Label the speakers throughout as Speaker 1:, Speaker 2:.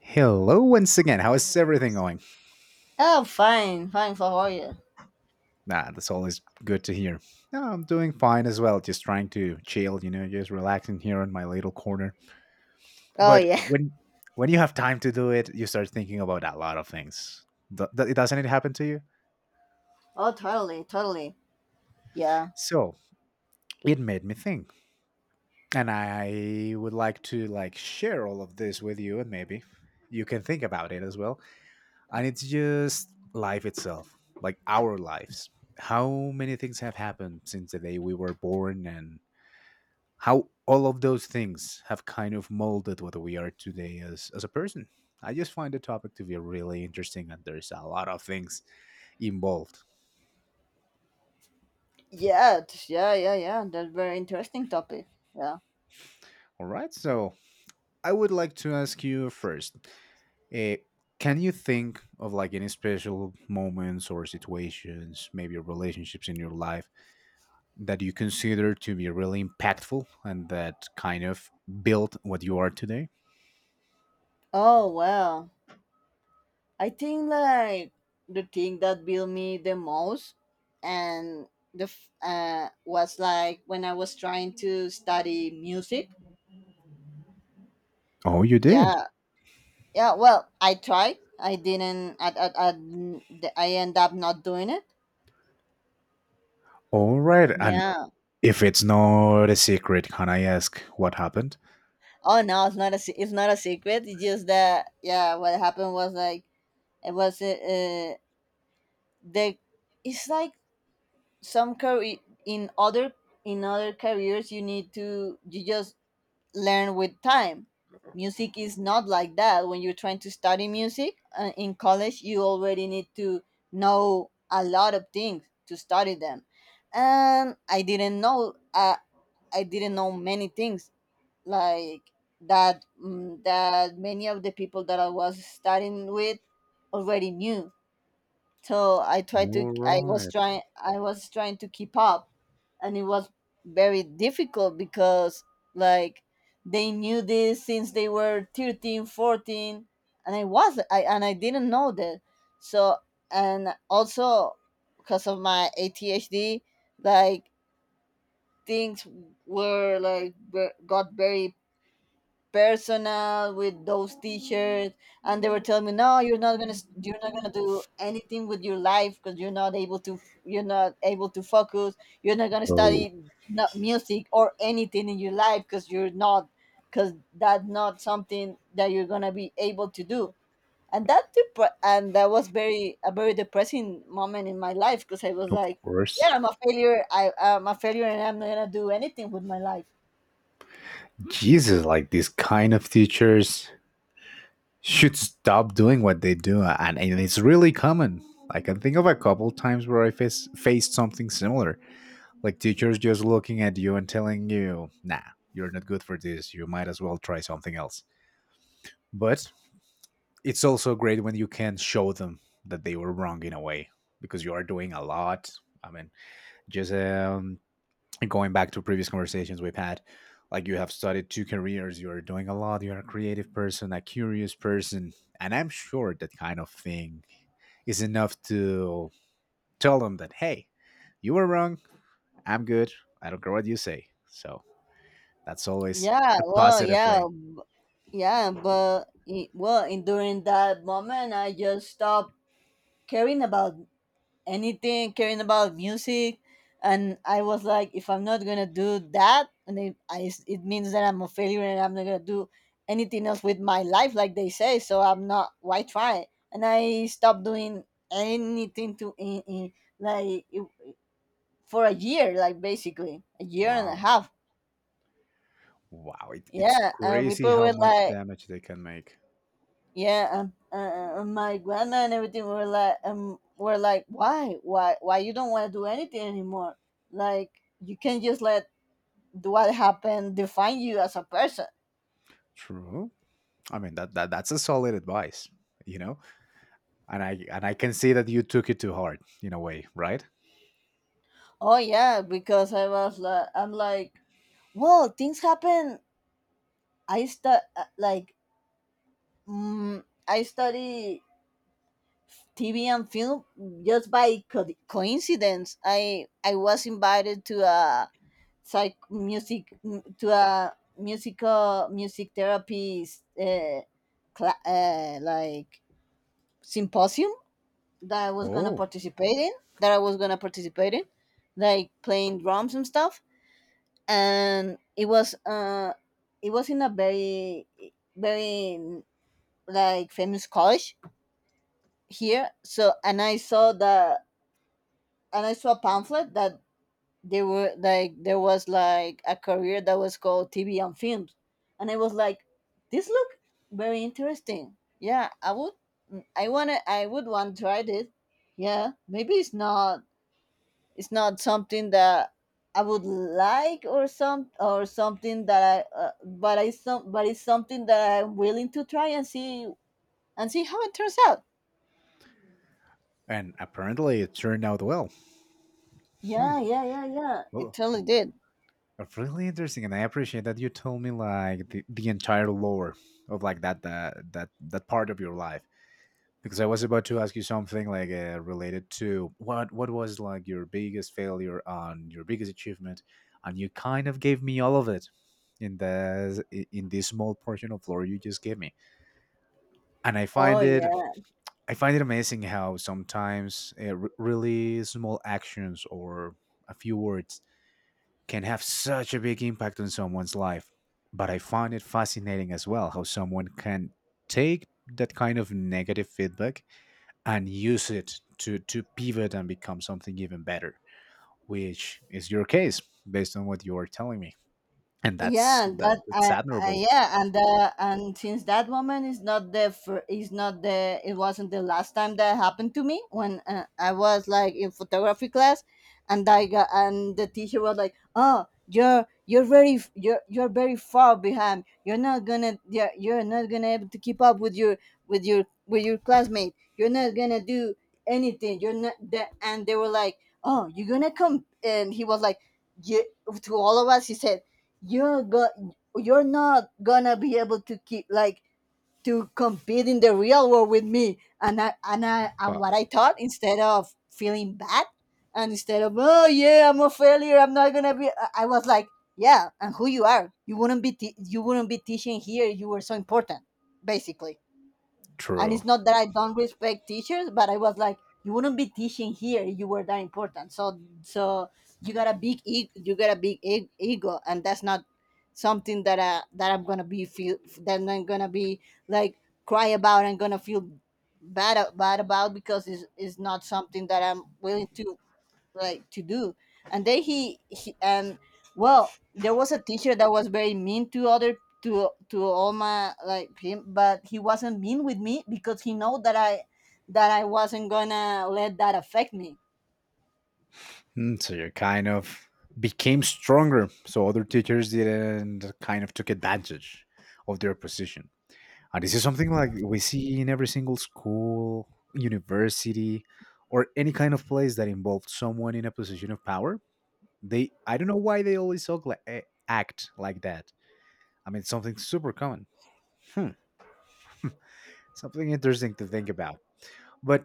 Speaker 1: Hello once again. How is everything going?
Speaker 2: Oh, fine, fine. For Are you?
Speaker 1: Ah, that's always good to hear. Yeah, I'm doing fine as well. Just trying to chill, just relaxing here in my little corner.
Speaker 2: Oh
Speaker 1: But
Speaker 2: yeah.
Speaker 1: when you have time to do it, you start thinking about a lot of things. Doesn't it happen to you?
Speaker 2: Oh, totally, totally. Yeah,
Speaker 1: So it made me think, and I would like to like share all of this with you, and maybe you can think about it as well. And it's just life itself, like our lives, how many things have happened since the day we were born, and how all of those things have kind of molded what we are today as a person. I just find the topic to be really interesting, and there's a lot of things involved.
Speaker 2: yeah, yeah. That's very interesting topic. Yeah.
Speaker 1: All right, so I would like to ask you first, uh, can you think of like any special moments or situations, maybe relationships in your life, that you consider to be really impactful and that kind of built what you are today?
Speaker 2: Oh well, I think like the thing that built me the most, and was like when I was trying to study music.
Speaker 1: Oh, you did.
Speaker 2: Yeah, yeah. Well, I tried. I didn't. I end up not doing it.
Speaker 1: All right. And
Speaker 2: Yeah.
Speaker 1: if it's not a secret, can I ask what happened?
Speaker 2: Oh no, it's not it's not a secret. It's just that yeah, what happened was like it was the it's like some career in other in other careers you need to you just learn with time. Music is not like that. When you're trying to study music in college, you already need to know a lot of things to study them. And I didn't know many things like that that many of the people that I was studying with already knew. So I tried to
Speaker 1: All right.
Speaker 2: I was trying to keep up, and it was very difficult because like they knew this since they were 13, 14, and I didn't know that. So, and also because of my ADHD, like things were got very personal with those teachers, and they were telling me, no, you're not gonna do anything with your life because you're not able to focus, you're not gonna
Speaker 1: Oh,
Speaker 2: study, not music or anything in your life, because you're not because that's not something that you're gonna be able to do. And that was very depressing moment in my life, because I was
Speaker 1: of
Speaker 2: like, yeah,
Speaker 1: course.
Speaker 2: I'm a failure and I'm not gonna do anything with my life.
Speaker 1: Jesus, like these kind of teachers should stop doing what they do. And it's really common. I can think of a couple times where faced something similar. Like teachers just looking at you and telling you, nah, you're not good for this. You might as well try something else. But it's also great when you can show them that they were wrong in a way, because you are doing a lot. I mean, just going back to previous conversations we've had, like you have studied two careers, you are doing a lot, you're a creative person, a curious person. And I'm sure that kind of thing is enough to tell them that, hey, you were wrong, I'm good, I don't care what you say. So that's always
Speaker 2: Yeah,
Speaker 1: a
Speaker 2: well,
Speaker 1: positive thing.
Speaker 2: but in during that moment, I just stopped caring about anything, caring about music, and I was like, if I'm not gonna do that, and it means that I'm a failure, and I'm not gonna do anything else with my life, like they say. So I'm not. Why try? And I stopped doing anything to in like it- for a year, like basically a year and a
Speaker 1: Wow.
Speaker 2: half.
Speaker 1: Wow. It's
Speaker 2: Yeah, and
Speaker 1: crazy
Speaker 2: people
Speaker 1: how
Speaker 2: were
Speaker 1: much
Speaker 2: like.
Speaker 1: damage they can make.
Speaker 2: Yeah, my grandma and everything were like, why you don't want to do anything anymore? Like you can't just let what happened define you as a person.
Speaker 1: True. I mean that's a solid advice, you know? And I can see that you took it to heart in a way, right?
Speaker 2: Oh yeah, because I was like, I'm like, well, things happen. I stu- uh, like, I study TV and film just coincidence. I was invited to a psych music to a musical music therapy uh, cla- uh, like symposium that I was gonna
Speaker 1: Oh.
Speaker 2: participate in, that I was gonna participate in like playing drums and stuff. And it was in a very, very like famous college here. So, and I saw the, and I saw a pamphlet that they were like there was like a career that was called TV and film, and I was like, this look very interesting. Yeah, I would want to try this. Yeah, maybe it's not something that I would like, or something that I, but I some, but it's something that I'm willing to try and see, and see how it turns out.
Speaker 1: And apparently it turned out well. Hmm.
Speaker 2: Yeah, yeah, yeah, yeah. It
Speaker 1: Well,
Speaker 2: totally did.
Speaker 1: really interesting. And I appreciate that you told me like the entire lore of like that part of your life. Because I was about to ask you something like related to what was like your biggest failure on your biggest achievement, and you kind of gave me all of it in the in this small portion of lore you just gave me. And I
Speaker 2: Oh
Speaker 1: find it
Speaker 2: yeah.
Speaker 1: I find it amazing how sometimes really small actions or a few words can have such a big impact on someone's life. But I find it fascinating as well how someone can take that kind of negative feedback and use it to pivot and become something even better, which is your case, based on what you are telling me. And that's
Speaker 2: Yeah, and
Speaker 1: that
Speaker 2: that
Speaker 1: that's admirable.
Speaker 2: yeah. And since that moment is not the, it wasn't the last time that happened to me, when I was like in photography class, and I got and the teacher was like, oh, you're very far behind, you're not gonna able to keep up with your with your with your classmate, you're not gonna do anything, you're not that. And they were like, oh, you're gonna come. And he was like, yeah, to all of us he said, you're not gonna be able to keep like to compete in the real world with me. And I and I and
Speaker 1: Huh.
Speaker 2: what I thought, instead of feeling bad and instead of, oh yeah, I'm a failure, I'm not gonna be, I was like, yeah, and who you are, you wouldn't be teaching here, you were so important, basically. And
Speaker 1: True.
Speaker 2: it's not that I don't respect teachers, but I was like, you wouldn't be teaching here if you were that important, so so you got you got a big e- ego. And that's not something that that I'm gonna be feel, that I'm gonna be like cry about and gonna feel bad about, because it's not something that I'm willing to like to do. And then he and well, there was a teacher that was very mean to other to all my like him, but he wasn't mean with me because he know that I wasn't gonna let that affect me.
Speaker 1: So you kind of became stronger so other teachers didn't kind of took advantage of their position. And this is something like we see in every single school, university, or any kind of place that involves someone in a position of power. They, I don't know why they always talk like, act like that. I mean, it's something super common. Hmm. Something interesting to think about. But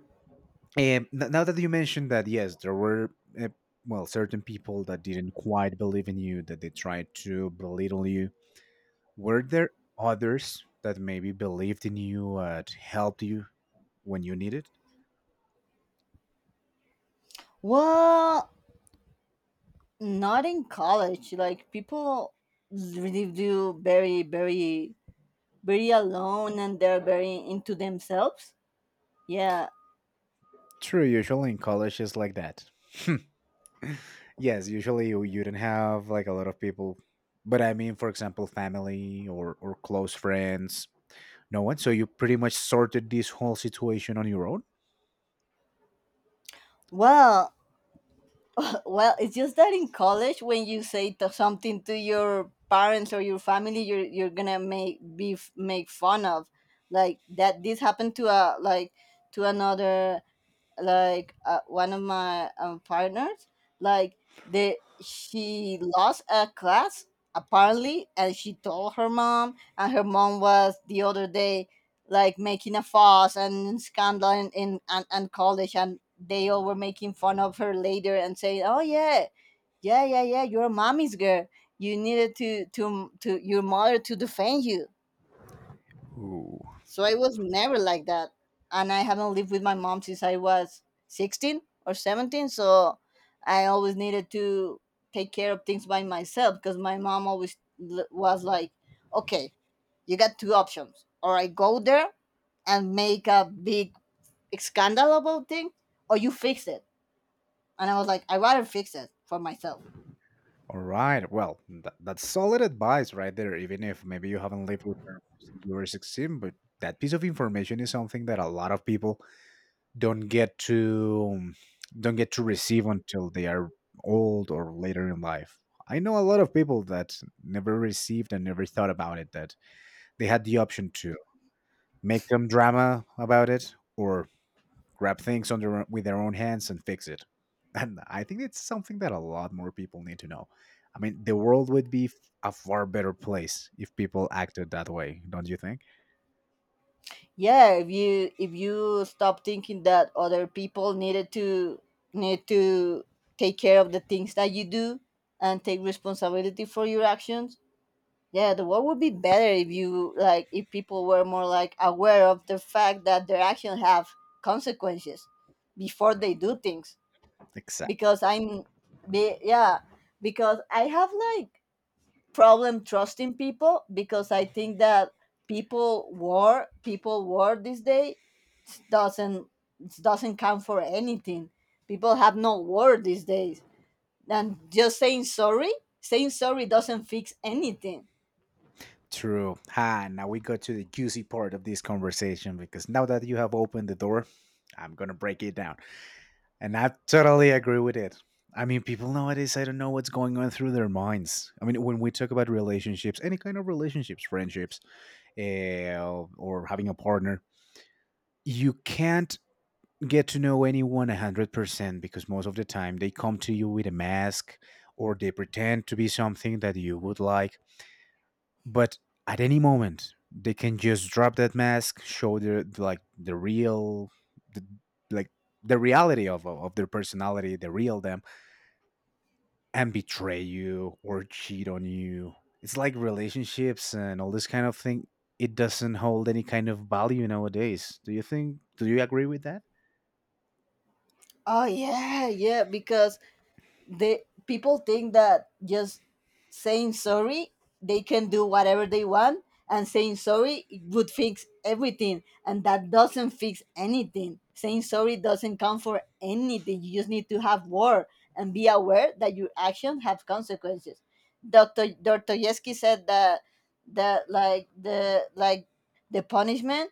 Speaker 1: now that you mentioned that, yes, there were, uh, well, certain people that didn't quite believe in you, that they tried to belittle you. Were there others that maybe believed in you and helped you when you needed?
Speaker 2: Well, not in college. Like people really do very, very, very alone, and they're very into themselves. Yeah.
Speaker 1: True, usually in college it's like that. Yes, usually you don't have like a lot of people, but I mean, for example, family or close friends, no one. So you pretty much sorted this whole situation on your own.
Speaker 2: Well, well, it's just that in college, when you say to something to your parents or your family, you're gonna make fun of, like that. This happened to a like to another like one of my partners, like they she lost a class apparently, and she told her mom, and her mom was the other day like making a fuss and scandal and college. And they all were making fun of her later and saying, oh yeah, yeah, you're a mommy's girl, you needed to your mother to defend you.
Speaker 1: Ooh.
Speaker 2: So I was never like that. And I haven't lived with my mom since I was 16 or 17. So I always needed to take care of things by myself, because my mom always was like, okay, you got two options. Or I go there and make a big scandal about thing, or you fix it. And I was like, I rather fix it for myself.
Speaker 1: All right. Well, that's solid advice right there. Even if maybe you haven't lived with her since you were 16, but that piece of information is something that a lot of people don't get to don't get to receive until they are old or later in life. I know a lot of people that never received and never thought about it, that they had the option to make some drama about it or grab things on with their own hands and fix it. And I think it's something that a lot more people need to know. I mean, the world would be a far better place if people acted that way, don't you think?
Speaker 2: Yeah, if you stop thinking that other people need to take care of the things that you do, and take responsibility for your actions. Yeah, the world would be better if you like if people were more like aware of the fact that their actions have consequences before they do things.
Speaker 1: Exactly.
Speaker 2: Because yeah, because I have like problem trusting people, because I think that people war this day doesn't doesn't count for anything. People have no war these days, and just saying sorry doesn't fix anything.
Speaker 1: True. Ah, now we go to the juicy part of this conversation, because now that you have opened the door, I'm going to break it down. And I totally agree with it. I mean, people nowadays, I don't know what's going on through their minds. I mean, when we talk about relationships, any kind of relationships, friendships, or having a partner, you can't get to know anyone 100% because most of the time they come to you with a mask, or they pretend to be something that you would like, but at any moment they can just drop that mask, show their, like, the real, the, like the reality of their personality, the real them, and betray you or cheat on you. It's like relationships and all this kind of thing, it doesn't hold any kind of value nowadays. Do you agree with that?
Speaker 2: Oh yeah, yeah, because the people think that just saying sorry they can do whatever they want, and saying sorry would fix everything, and that doesn't fix anything. Saying sorry doesn't count for anything. You just need to have war and be aware that your actions have consequences. Dr. Dostoevsky said that, that the punishment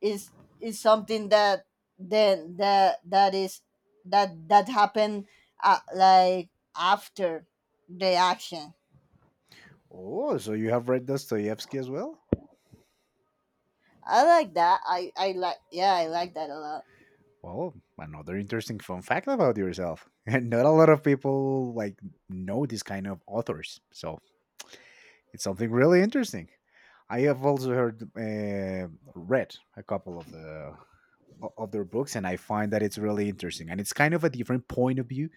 Speaker 2: is is something that then that that is that that happened uh, like after the action.
Speaker 1: Oh, so you have read Dostoevsky as well.
Speaker 2: I like that, I like, yeah, I like that a lot.
Speaker 1: Well, another interesting fun fact about yourself. And not a lot of people like know this kind of authors. So it's something really interesting. I have also heard read a couple of their books, and I find that it's really interesting. And it's kind of a different point of view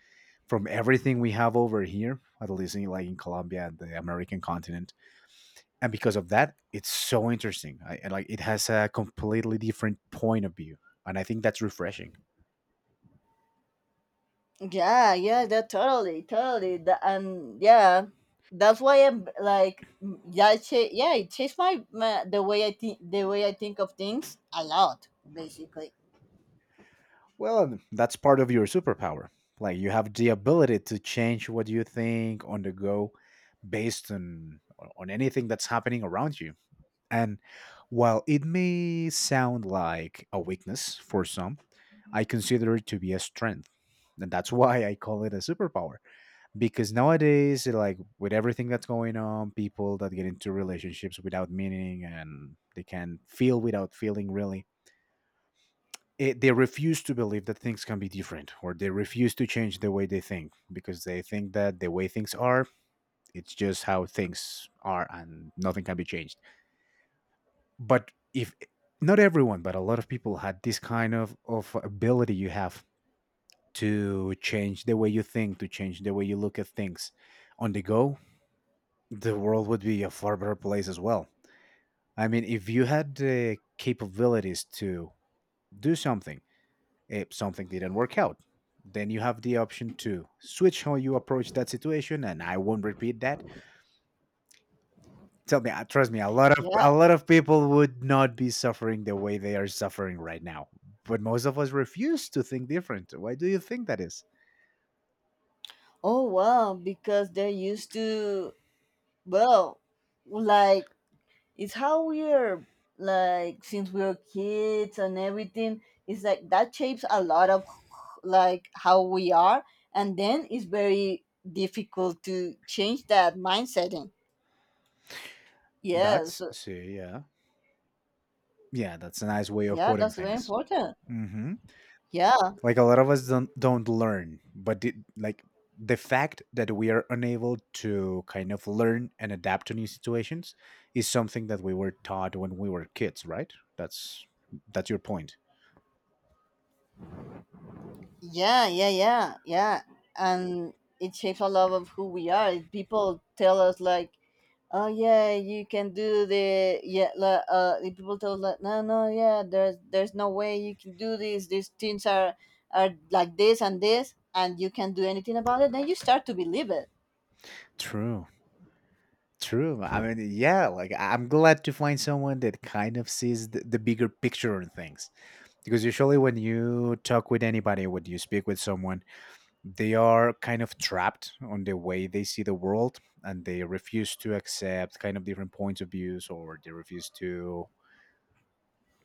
Speaker 1: from everything we have over here, at least like in Colombia and the American continent. And because of that, it's so interesting. I like it has a completely different point of view, and I think that's refreshing.
Speaker 2: Yeah, yeah, that totally, totally that, and yeah, that's why I'm like, yeah, yeah, it changed my, the way I think, the way I think of things a lot basically.
Speaker 1: Well, that's part of your superpower. Like you have the ability to change what you think on the go based on anything that's happening around you. And while it may sound like a weakness for some, I consider it to be a strength. And that's why I call it a superpower. Because nowadays, like with everything that's going on, people that get into relationships without meaning, and they can feel without feeling really it, they refuse to believe that things can be different, or they refuse to change the way they think, because they think that the way things are, it's just how things are and nothing can be changed. But if not everyone, but a lot of people had this kind of ability you have, to change the way you think, to change the way you look at things on the go, the world would be a far better place as well. I mean, if you had the capabilities to do something if something didn't work out. Then you have the option to switch how you approach that situation, and I won't repeat that. Tell me, trust me,
Speaker 2: Yeah.
Speaker 1: a lot of people would not be suffering the way they are suffering right now. But most of us refuse to think different. Why do you think that is?
Speaker 2: Oh wow, because they're used to, well, like, it's how we are, like since we are kids and everything. It's like that shapes a lot of like how we are. And then it's very difficult to change that mindset in.
Speaker 1: That's
Speaker 2: Yes.
Speaker 1: See, yeah, yeah. That's a nice way of
Speaker 2: Yeah,
Speaker 1: putting
Speaker 2: that's very
Speaker 1: things.
Speaker 2: important.
Speaker 1: hmm
Speaker 2: Yeah.
Speaker 1: like a lot of us don't learn but did, like the fact that we are unable to kind of learn and adapt to new situations is something that we were taught when we were kids, right? That's your point.
Speaker 2: Yeah, and it shapes a lot of who we are. People tell us like, oh yeah, you can do the, the people told like, no, no, yeah, there's no way you can do this, these things are like this and this, and you can't do anything about it, then you start to believe it.
Speaker 1: True. True. I mean, yeah, like I'm glad to find someone that kind of sees the bigger picture on things. Because usually when you talk with anybody, when you speak with someone, they are kind of trapped on the way they see the world, and they refuse to accept kind of different points of views, or they refuse to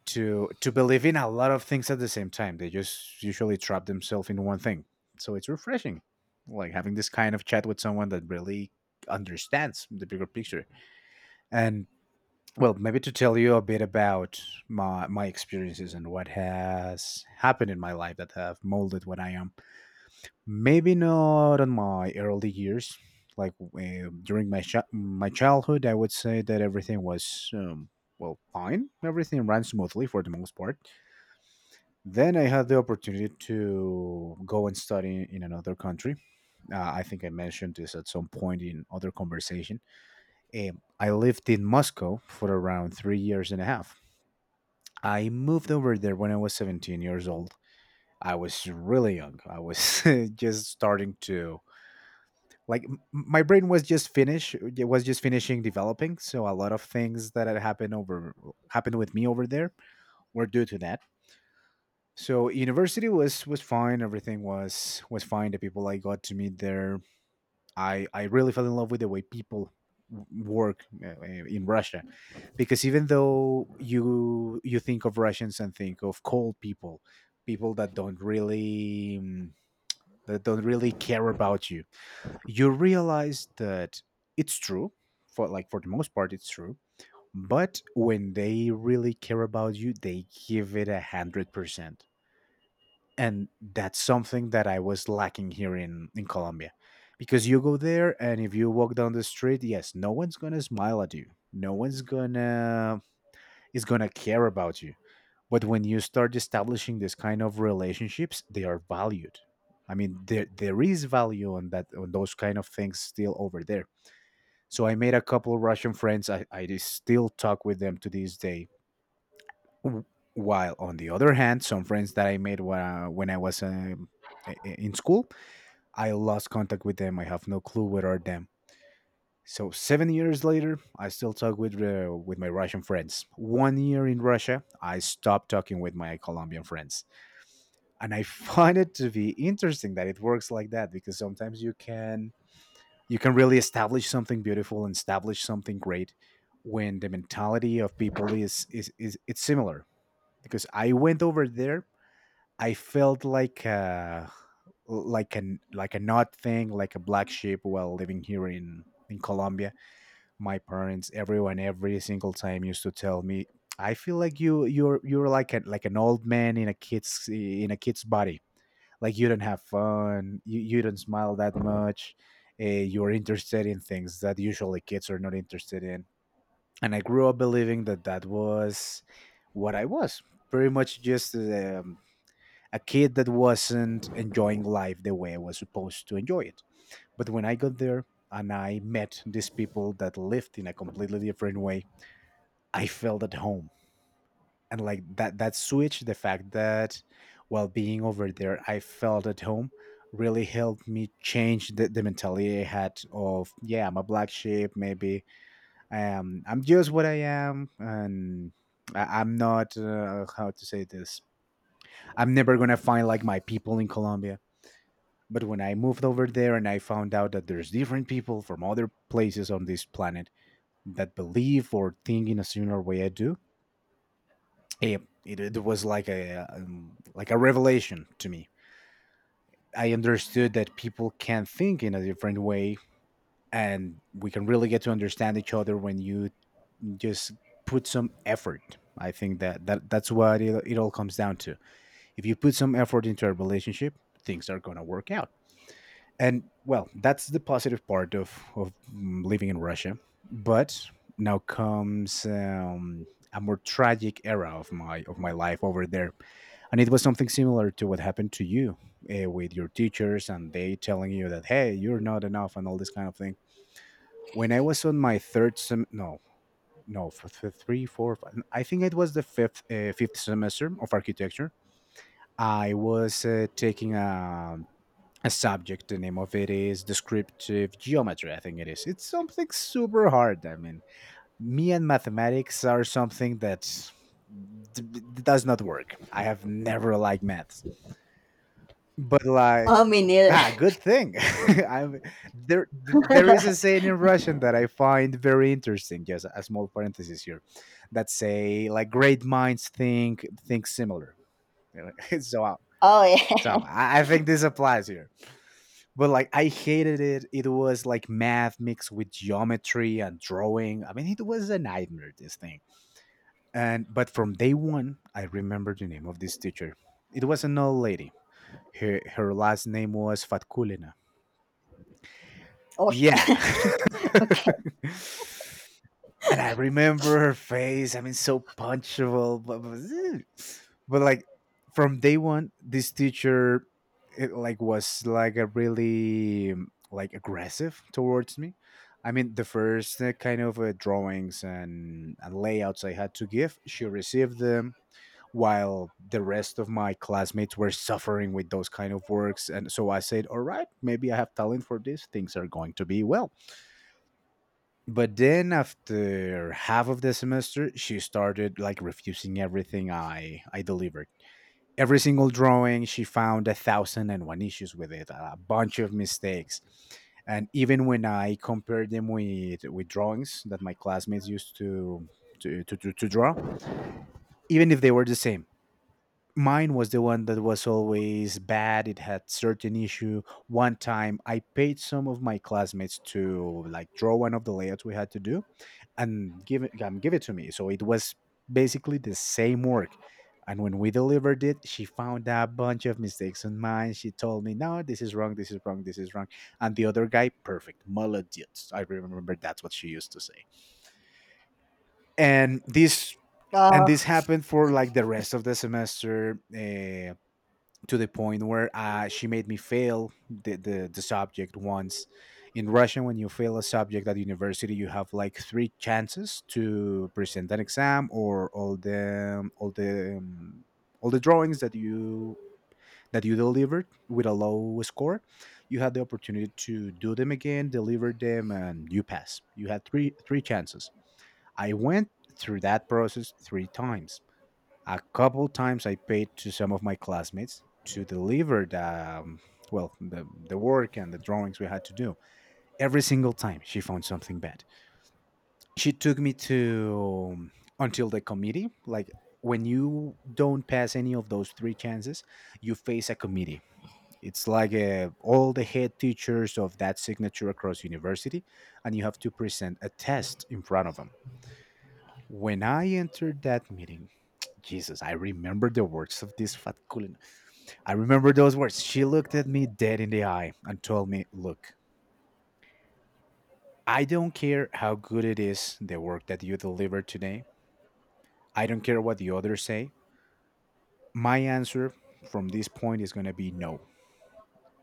Speaker 1: to to believe in a lot of things at the same time. They just usually trap themselves in one thing. So it's refreshing, like having this kind of chat with someone that really understands the bigger picture. And well, maybe to tell you a bit about my experiences and what has happened in my life that have molded what I am. Maybe not on my early years. Like during my childhood, I would say that everything was well, fine. Everything ran smoothly for the most part. Then I had the opportunity to go and study in another country. I think I mentioned this at some point in other conversation. I lived in Moscow for around 3 years and a half. I moved over there when I was 17 years old. I was really young. I was just starting to, like, my brain was just finishing developing, so a lot of things that had happened with me over there were due to that. So university was fine, everything was fine, the people I got to meet there, I really fell in love with the way people work in Russia. Because even though you think of Russians and think of cold people, people that don't really that don't really care about you, you realize that it's true, for like, for the most part it's true. But when they really care about you, they give it 100%. And that's something that I was lacking here in Colombia. Because you go there and if you walk down the street, yes, no one's gonna smile at you, no one's gonna, is gonna care about you. But when you start establishing this kind of relationships, they are valued. I mean, there is value on that, on those kind of things still over there. So I made a couple of Russian friends. I just still talk with them to this day. W- While on the other hand, some friends that I made when I was in school, I lost contact with them. I have no clue where are them. So 7 years later, I still talk with my Russian friends. One year in Russia, I stopped talking with my Colombian friends, and I find it to be interesting that it works like that, because sometimes you can, you can really establish something beautiful and establish something great when the mentality of people is, it's similar. Because I went over there, I felt like a, like an, like an odd thing, like a black sheep, while living here in Colombia. My parents, everyone, every single time used to tell me, I feel like you're like a, like an old man in a kid's, in a kid's body. Like, you don't have fun, you don't smile that much, you're interested in things that usually kids are not interested in. And I grew up believing that that was what I was, pretty much just a kid that wasn't enjoying life the way I was supposed to enjoy it. But when I got there and I met these people that lived in a completely different way, I felt at home. And like that, that switch, the fact that while being over there I felt at home, really helped me change the mentality I had of, yeah, I'm a black sheep. Maybe I am, I'm just what I am. And I'm not, how to say this, I'm never gonna find like my people in Colombia. But when I moved over there and I found out that there's different people from other places on this planet that believe or think in a similar way I do, it was like a revelation to me. I understood that people can think in a different way, and we can really get to understand each other when you just put some effort. I think that that's what it all comes down to. If you put some effort into a relationship, things are going to work out. And well, that's the positive part of of living in Russia. But now comes a more tragic era of my, of my life over there. And it was something similar to what happened to you, with your teachers and they telling you that, hey, you're not enough and all this kind of thing. When I was on my third sem, no, no, for 3 4 5, I think it was the fifth fifth semester of architecture, I was taking a subject. The name of it is descriptive geometry, I think it is. It's something super hard. I mean, me and mathematics are something that does not work. I have never liked maths, but like,
Speaker 2: Oh me neither.
Speaker 1: ah, good thing. I'm there. There is a saying in Russian that I find very interesting. Just a small parenthesis here, that say like, great minds think similar. so, uh,
Speaker 2: Oh
Speaker 1: so
Speaker 2: yeah.
Speaker 1: I think this applies here. But like, I hated it. It was like math mixed with geometry and drawing. I mean, it was a nightmare, this thing. And but from day one, I remember the name of this teacher. It was an old lady. Her last name was Fatkulina.
Speaker 2: oh sh-
Speaker 1: Yeah.
Speaker 2: okay.
Speaker 1: And I remember her face. I mean, so punchable, but, like, from day one, this teacher, it, like was like a really like aggressive towards me. I mean, the first kind of drawings and layouts I had to give, she received them, while the rest of my classmates were suffering with those kind of works. And so I said, "All right, maybe I have talent for this. Things are going to be well." But then after half of the semester, she started like refusing everything I delivered. Every single drawing, she found a thousand and one issues with it, a bunch of mistakes. And even when I compared them with drawings that my classmates used to draw, even if they were the same, mine was the one that was always bad, it had certain issue. One time I paid some of my classmates to like draw one of the layouts we had to do and give it, give it to me, so it was basically the same work. And when we delivered it, she found a bunch of mistakes on mine. She told me, no, this is wrong, this is wrong, this is wrong. And the other guy, perfect, молодец, I remember, that's what she used to say. and this and
Speaker 2: Oh.
Speaker 1: this happened for like the rest of the semester, to the point where she made me fail the subject once. In Russian, when you fail a subject at university, you have like three chances to present an exam or all the um, all the um, all the drawings that you delivered with a low score. You had the opportunity to do them again, deliver them, and you pass. You had three chances. I went through that process three times. A couple times I paid to some of my classmates to deliver the um, well, the work and the drawings we had to do. Every single time she found something bad. She took me to until the committee. Like, when you don't pass any of those three chances, you face a committee. It's like, all the head teachers of that signature across university, and you have to present a test in front of them. When I entered that meeting, Jesus, I remember the words of this fat cool I remember those words. She looked at me dead in the eye and told me, look, I don't care how good it is, the work that you deliver today. I don't care what the others say. My answer from this point is going to be no.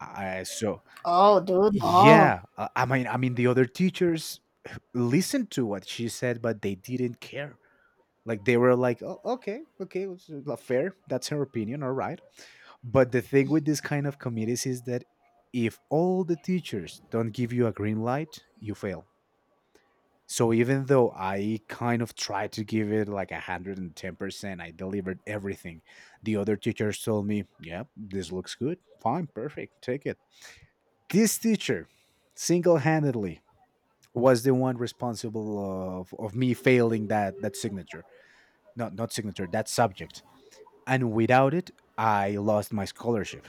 Speaker 1: I, so,
Speaker 2: Oh dude, no.
Speaker 1: yeah, I mean, the other teachers listened to what she said, but they didn't care. Like they were like, oh, okay, okay, it's, fair. That's her opinion. All right. But the thing with this kind of committees is that if all the teachers don't give you a green light, you fail. So even though I kind of tried to give it like 110%, I delivered everything. The other teachers told me, yeah, this looks good. Fine, perfect, take it. This teacher single handedly was the one responsible of me failing that signature. No, not signature, that subject. And without it, I lost my scholarship,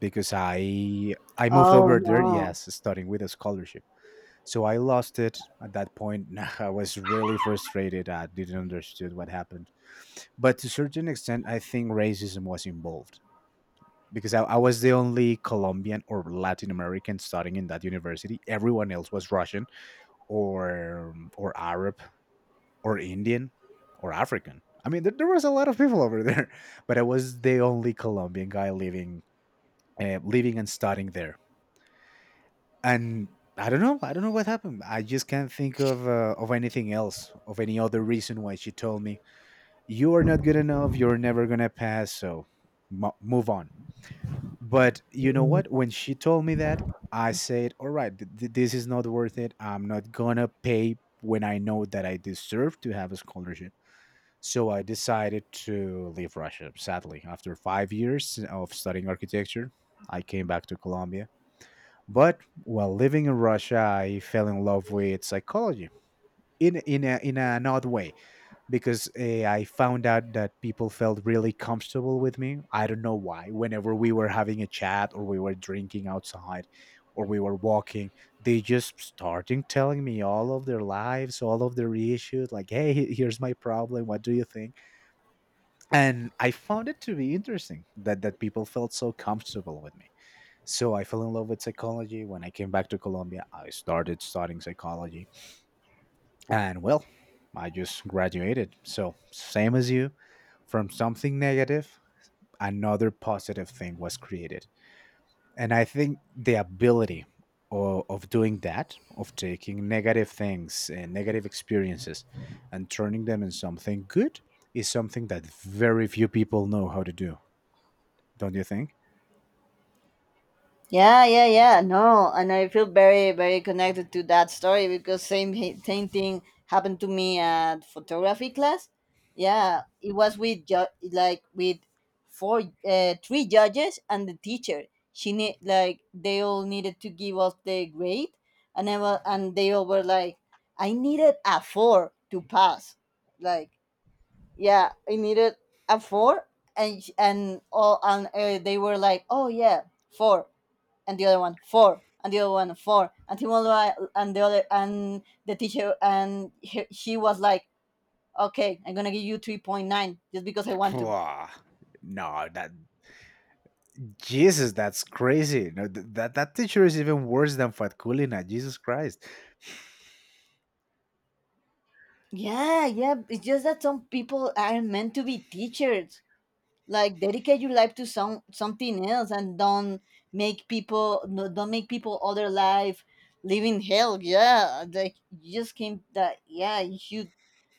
Speaker 1: because I moved
Speaker 2: Oh
Speaker 1: over there,
Speaker 2: no.
Speaker 1: yes, studying with a scholarship. So I lost it. At that point I was really frustrated, I didn't understood what happened. But to a certain extent, I think racism was involved, because I was the only Colombian or Latin American studying in that university. Everyone else was Russian, or Arab, or Indian, or African. I mean, there was a lot of people over there, but I was the only Colombian guy living, living and studying there. And I don't know what happened. I just can't think of anything else, of any other reason why she told me, you are not good enough, you're never gonna pass, so mo move on. But you know what? When she told me that, I said, all right, this is not worth it. I'm not gonna pay when I know that I deserve to have a scholarship. So I decided to leave Russia, sadly. After 5 years of studying architecture, I came back to Colombia. But while living in Russia, I fell in love with psychology in an odd way because I found out that people felt really comfortable with me. I don't know why. Whenever we were having a chat or we were drinking outside or we were walking, they just started telling me all of their lives, all of their issues. Like, hey, here's my problem. What do you think? And I found it to be interesting that people felt so comfortable with me. So I fell in love with psychology. When I came back to Colombia, I started studying psychology. And well, I just graduated, so same as you, from something negative another positive thing was created. And I think the ability of doing that, of taking negative things and negative experiences and turning them in something good is something that very few people know how to do, don't you think?
Speaker 2: Yeah, yeah, yeah. No, and I feel very, very connected to that story, because same thing happened to me at photography class. Yeah, it was with like with four, three judges and the teacher. She need like they all needed to give us the grade, and I was, and they all were like, I needed a four to pass. Like, yeah, I needed a four, and and all and they were like, oh yeah, four, and the other one, four, and the other one, four, and he was like, and the other, and the teacher, and she was like, okay, I'm gonna give you 3.9 just because I want to.
Speaker 1: Pwah. No, that Jesus, that's crazy. No, that teacher is even worse than Fatkulina. Jesus Christ,
Speaker 2: Yeah, yeah, it's just that some people aren't meant to be teachers. Like, dedicate your life to something else, and don't make people, no, don't make people other life live in hell, yeah, like, you just came that. Yeah, you should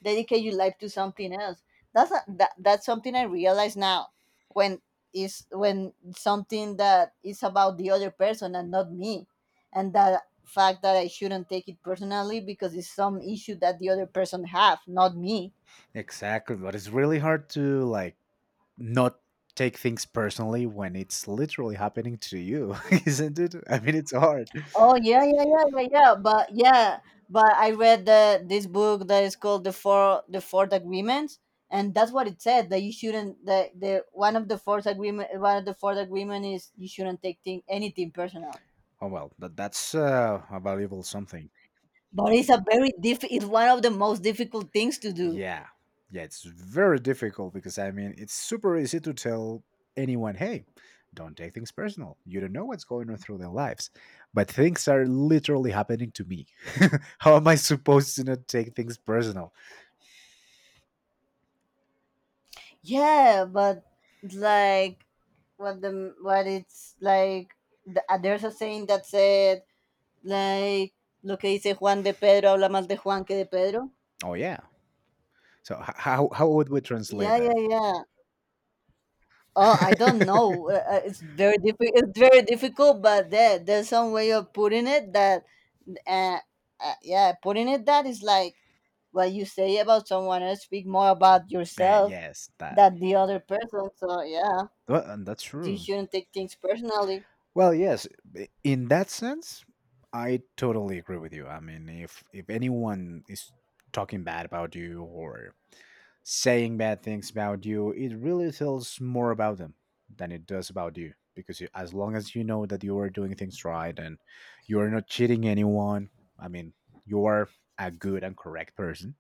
Speaker 2: dedicate your life to something else. That's something I realize now, when, is when something that is about the other person and not me, and the fact that I shouldn't take it personally because it's some issue that the other person have, not me.
Speaker 1: exactly. But it's really hard to like not take things personally when it's literally happening to you, isn't it? I mean, it's hard.
Speaker 2: Oh yeah, yeah, yeah, yeah, yeah. But yeah, but I read the this book that is called the fourth agreements, and that's what it said, that you shouldn't, that the one of the fourth agreement, is you shouldn't take anything personal.
Speaker 1: Oh well, but that's a valuable something.
Speaker 2: But it's a very diff. It's one of the most difficult things to do.
Speaker 1: Yeah. Yeah, it's very difficult because I mean, it's super easy to tell anyone, hey, don't take things personal. You don't know what's going on through their lives. But things are literally happening to me. How am I supposed to not take things personal?
Speaker 2: Yeah, but, like, what it's like. There's a saying that said, like, lo que dice Juan de Pedro habla más de Juan que de Pedro.
Speaker 1: Oh, yeah. So, how would we translate
Speaker 2: Yeah,
Speaker 1: that?
Speaker 2: yeah, yeah. Oh, I don't know. It's very difficult. It's very difficult, but there's some way of uh, yeah, putting it that is like what you say about someone else. Speak more about yourself
Speaker 1: Yes, that.
Speaker 2: than the other person. So yeah,
Speaker 1: Well, and that's
Speaker 2: you
Speaker 1: true.
Speaker 2: shouldn't take things personally.
Speaker 1: Well, yes, in that sense, I totally agree with you. I mean, if anyone is talking bad about you or saying bad things about you, it really tells more about them than it does about you. Because you, as long as you know that you are doing things right and you are not cheating anyone, I mean, you are a good and correct person.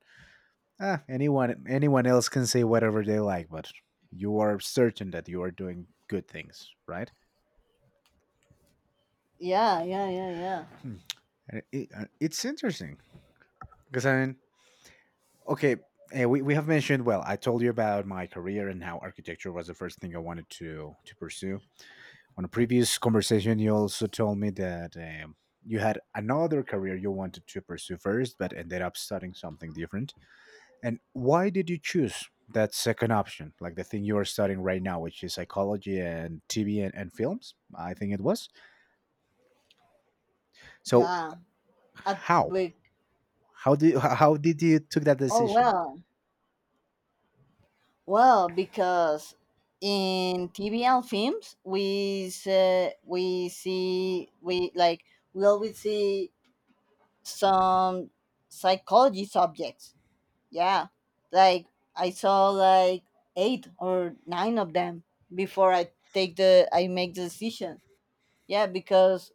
Speaker 1: Ah, anyone else can say whatever they like, but you are certain that you are doing good things, right?
Speaker 2: Yeah, yeah, yeah, yeah,
Speaker 1: Hmm. And it's interesting because I mean, okay, we have mentioned. Well, I told you about my career and how architecture was the first thing I wanted to pursue. On a previous conversation you also told me that you had another career you wanted to pursue first but ended up studying something different. And why did you choose that second option, like the thing you are studying right now, which is psychology and TV and films, I think it was. So
Speaker 2: yeah. At,
Speaker 1: how
Speaker 2: like,
Speaker 1: how did you took that
Speaker 2: oh
Speaker 1: decision?
Speaker 2: well, because in TV and films, we see, we like, we always see some psychology subjects. Yeah. Like, I saw like eight or nine of them before I make the decision. Yeah, because,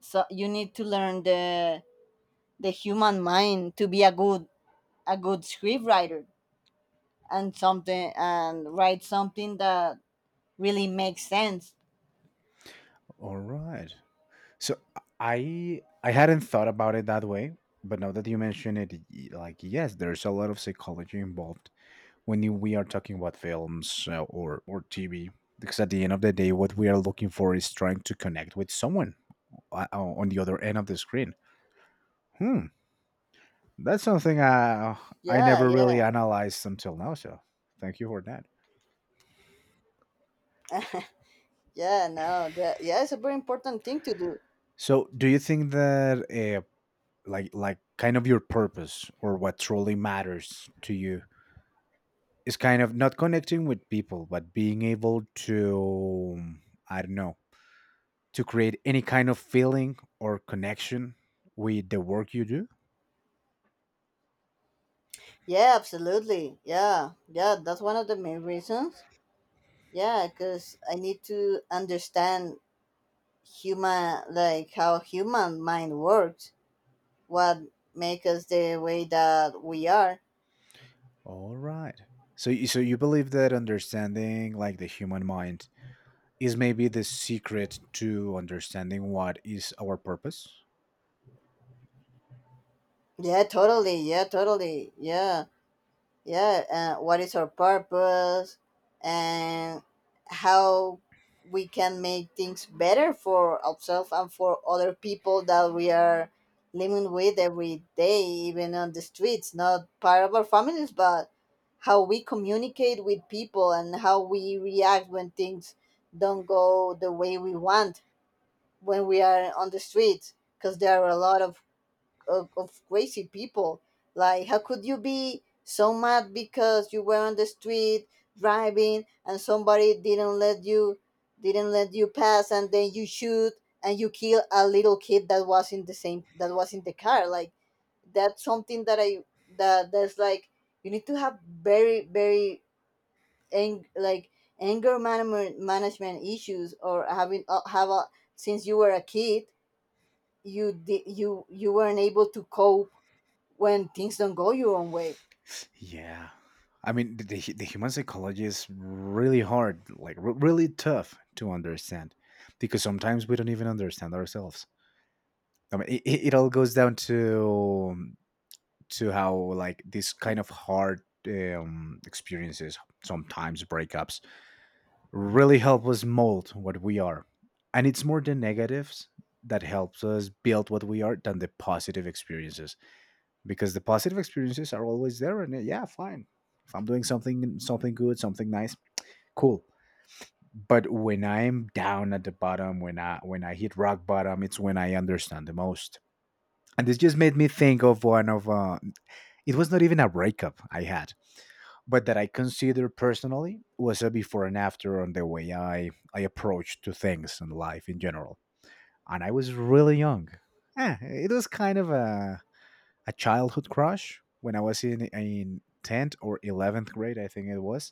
Speaker 2: so, you need to learn the human mind to be a good script writer, and something, and write something that really makes sense.
Speaker 1: All right, so I hadn't thought about it that way, but now that you mention it, like yes, there's a lot of psychology involved when we are talking about films or TV. Because at the end of the day, what we are looking for is trying to connect with someone on the other end of the screen. Hmm, that's something I
Speaker 2: Yeah,
Speaker 1: never
Speaker 2: yeah.
Speaker 1: really analyzed until now. So thank you for that.
Speaker 2: Yeah, no, that, yeah, it's a very important thing to do.
Speaker 1: So do you think that kind of your purpose or what truly matters to you is kind of not connecting with people, but being able to, I don't know, to create any kind of feeling or connection with the work you do?
Speaker 2: Yeah, absolutely. Yeah. Yeah, that's one of the main reasons. Yeah, because I need to understand human, like how human mind works, what make us the way that we are.
Speaker 1: All right. So, so you believe that understanding like the human mind is maybe the secret to understanding what is our purpose?
Speaker 2: Yeah, totally. Yeah, totally. Yeah. Yeah what is our purpose, and how we can make things better for ourselves and for other people that we are living with every day, even on the streets, not part of our families, but how we communicate with people and how we react when things don't go the way we want, when we are on the streets, because there are a lot of crazy people. Like, how could you be so mad because you were on the street driving and somebody didn't let you pass, and then you shoot and you kill a little kid that was in the same that was in the car? Like, that's something that I, that that's like, you need to have very, very like, anger management issues, or having, have a since you were a kid, you weren't able to cope when things don't go your own way.
Speaker 1: Yeah. I mean, the human psychology is really hard, like really tough to understand because sometimes we don't even understand ourselves. I mean, it all goes down to how like this kind of hard experiences, sometimes breakups, really help us mold what we are. And it's more the negatives that helps us build what we are than the positive experiences, because the positive experiences are always there and yeah, fine, if I'm doing something, something good, something nice, cool. But when I'm down at the bottom, when I hit rock bottom, it's when I understand the most. And this just made me think of one of it was not even a breakup I had, but that I consider personally was a before and after on the way I approached to things and life in general. And I was really young. Eh, it was kind of a childhood crush when I was in tenth or 11th grade, I think it was.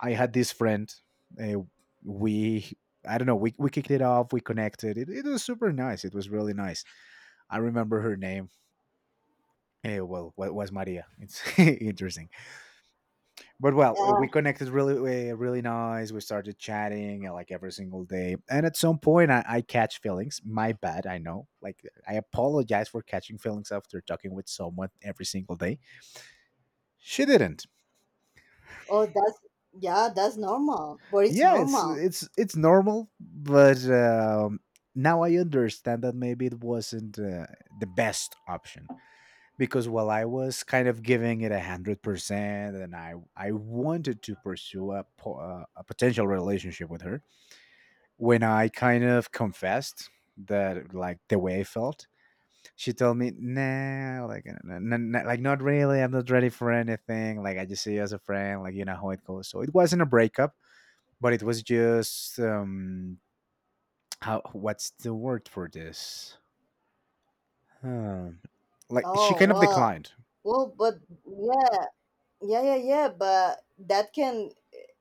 Speaker 1: I had this friend. Uh, we I don't know. We kicked it off. We connected. It was super nice. It was really nice. I remember her name. Eh, well, what was Maria? It's interesting. But well,
Speaker 2: Uh,
Speaker 1: we connected really really nice. We started chatting like every single day, and at some point, I catch feelings. My bad, I know, like, I apologize for catching feelings after talking with someone every single day. She didn't.
Speaker 2: oh, that's yeah, that's normal. But it's
Speaker 1: Yeah,
Speaker 2: normal.
Speaker 1: it's normal, but now I understand that maybe it wasn't the best option, because while I was kind of giving it 100% and I wanted to pursue a potential relationship with her. When I kind of confessed that like the way I felt, she told me, "Nah, like like not really. I'm not ready for anything. Like I just see you as a friend. Like you know how it goes." So it wasn't a breakup, but it was just how, what's the word for this? Um, like she
Speaker 2: Oh,
Speaker 1: kind of
Speaker 2: well,
Speaker 1: declined.
Speaker 2: but, yeah, yeah, yeah, yeah. But that can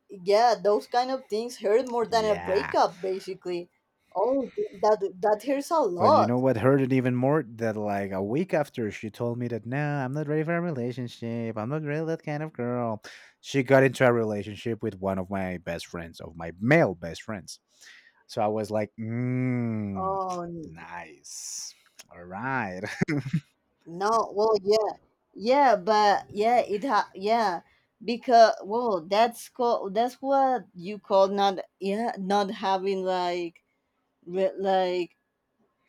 Speaker 2: yeah, those kind of things hurt more than a
Speaker 1: Yeah.
Speaker 2: breakup, basically. Oh, that hurts a
Speaker 1: But you know
Speaker 2: lot.
Speaker 1: what hurt it even more? That like a week after she told me that, nah, I'm not ready for a relationship, I'm not really that kind of girl. She got into a relationship with one of my best friends, of my male best friends. So I was like, mm,
Speaker 2: Oh,
Speaker 1: nice. All right.
Speaker 2: no, well, yeah, yeah, but yeah, it ha yeah. Because, well, that's called, that's what you call, not, yeah, not having, like, like,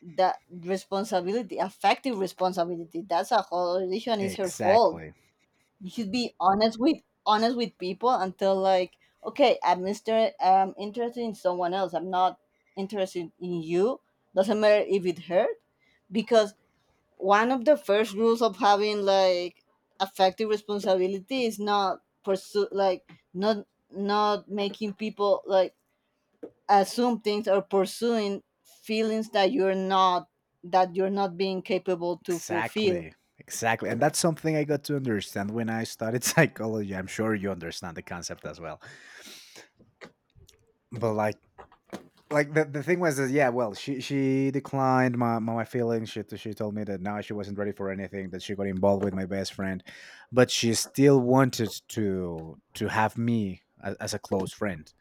Speaker 2: that responsibility, affective responsibility. That's a whole decision. It's her fault.
Speaker 1: Exactly.
Speaker 2: You should be honest with, people until, like, okay, I'm Mister. I'm interested in someone else. I'm not interested in you. Doesn't matter if it hurt, because one of the first rules of having, like, affective responsibility, is not pursue, like, not making people, like, assume things, or pursuing feelings that you're not being capable to fulfill.
Speaker 1: Exactly. And that's something I got to understand when I studied psychology. I'm sure you understand the concept as well. But like the thing was is, yeah, well, she declined my my feelings. She told me that now she wasn't ready for anything, that she got involved with my best friend, but she still wanted to have me as, a close friend.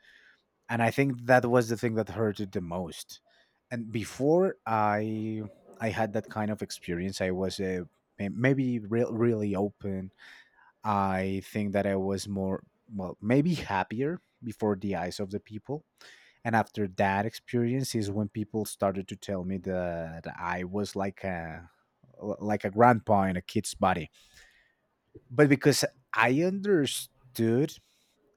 Speaker 1: And I think that was the thing that hurted the most. And before I had that kind of experience, I was a maybe really open. I think that I was more, well, maybe happier before the eyes of the people. And after that experience is when people started to tell me that I was like a, like a grandpa in a kid's body. But because I understood,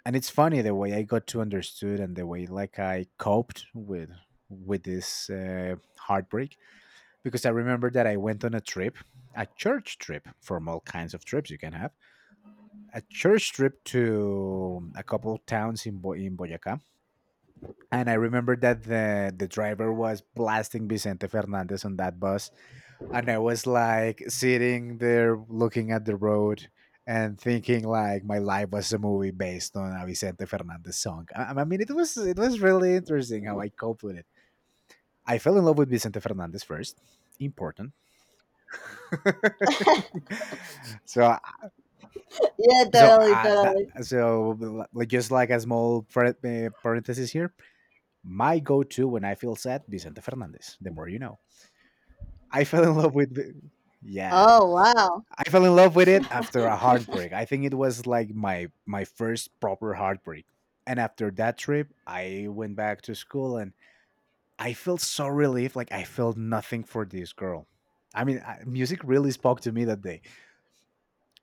Speaker 1: and it's funny the way I got to understood and the way like I coped with this heartbreak, because I remember that I went on a trip, a church trip, from all kinds of trips you can have, a church trip to a couple of towns in Boyacá. And I remember that the driver was blasting Vicente Fernandez on that bus, and I was like sitting there looking at the road and thinking like my life was a movie based on a Vicente Fernandez song. I mean, it was really interesting how I coped with it. I fell in love with Vicente Fernandez first. Important. so uh,
Speaker 2: Yeah,
Speaker 1: so
Speaker 2: totally,
Speaker 1: uh, that,
Speaker 2: totally.
Speaker 1: so like just like a small parenthesis here. My go-to when I feel sad, Vicente Fernandez. The more you know. I fell in love with the- yeah.
Speaker 2: Oh wow,
Speaker 1: I fell in love with it after a heartbreak. I think it was like my first proper heartbreak. And after that trip, I went back to school and I felt so relieved, like I felt nothing for this girl. I mean, music really spoke to me that day,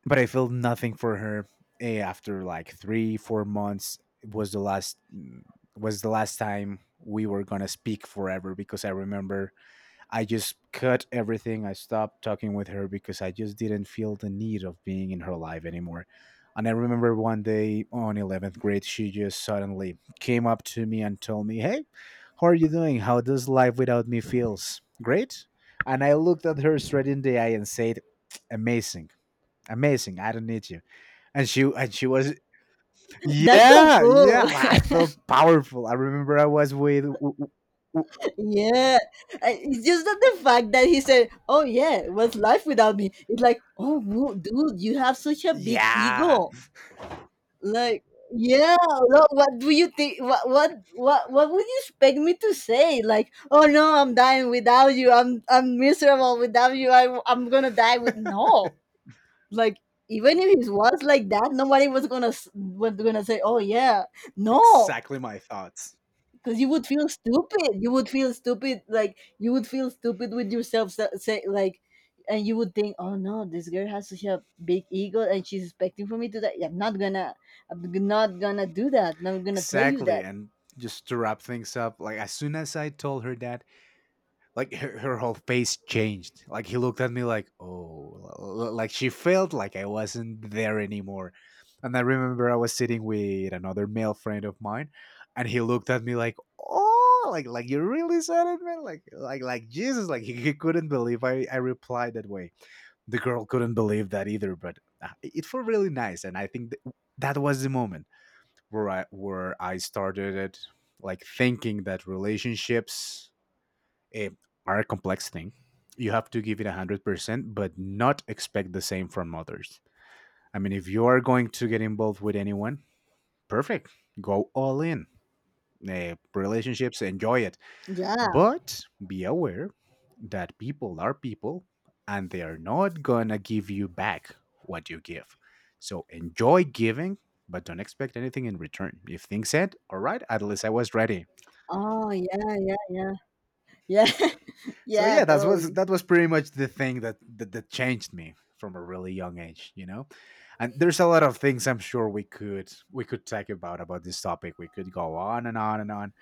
Speaker 1: but I felt nothing for her after like 3 4 months was the last time we were going to speak forever, because I remember I just cut everything. I stopped talking with her because I just didn't feel the need of being in her life anymore. And I remember one day on 11th grade, she just suddenly came up to me and told me, hey, how are you doing? How does life without me feels? Great. And I looked at her straight in the eye and said, amazing. Amazing. I don't need you. And she was
Speaker 2: that's so
Speaker 1: yeah,
Speaker 2: cool.
Speaker 1: yeah. Like, I felt powerful. I remember I was with w-
Speaker 2: Yeah, it's just that the fact that he said, "Oh yeah, what's life without me?" It's like, dude, you have such a big
Speaker 1: yeah,
Speaker 2: ego. Like, yeah, what do you think, what would you expect me to say, like, oh no, I'm dying without you, I'm miserable without you, I'm gonna die with no, like, even if it was like that, nobody was was gonna say, oh yeah, no.
Speaker 1: exactly my thoughts.
Speaker 2: Because you would feel stupid, you would feel stupid, like, you would feel stupid with yourself, say, like. And you would think, oh no, this girl has such a big ego, and she's expecting for me to, that, I'm not gonna do that, I'm not gonna tell you
Speaker 1: Exactly.
Speaker 2: that.
Speaker 1: And just to wrap things up, like as soon as I told her that, like her, her whole face changed. Like he looked at me like, oh, like she felt like I wasn't there anymore. And I remember I was sitting with another male friend of mine, and he looked at me like, oh, like you really said it, man. Like Jesus, like he couldn't believe I replied that way. The girl couldn't believe that either, but it felt really nice, and I think that was the moment where I started it, like thinking that relationships eh, are a complex thing. You have to give it 100%, but not expect the same from others. I mean, if you are going to get involved with anyone, perfect, go all in. Eh, relationships, enjoy it,
Speaker 2: Yeah.
Speaker 1: but be aware that people are people, and they are not gonna give you back what you give. So enjoy giving, but don't expect anything in return. If things said all right, at least I was ready.
Speaker 2: Oh yeah, yeah, yeah, yeah.
Speaker 1: So
Speaker 2: Yeah,
Speaker 1: yeah,
Speaker 2: totally.
Speaker 1: that was pretty much the thing that that changed me from a really young age, you know? And there's a lot of things I'm sure we could talk about this topic. We could go on and on and on.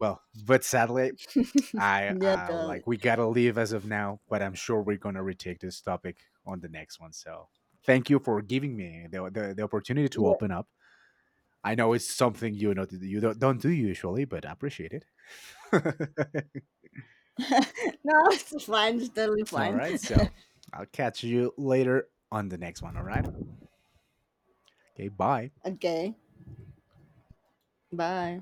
Speaker 1: Well, but sadly, I
Speaker 2: Yeah, totally.
Speaker 1: like we gotta leave as of now, but I'm sure we're gonna retake this topic on the next one. So thank you for giving me the the opportunity to
Speaker 2: Yeah.
Speaker 1: open up. I know it's something, you know, you don't do usually, but I appreciate it.
Speaker 2: No, it's fine, it's totally
Speaker 1: All
Speaker 2: fine.
Speaker 1: right, so I'll catch you later on the next one. All right, okay, bye.
Speaker 2: Okay. Bye.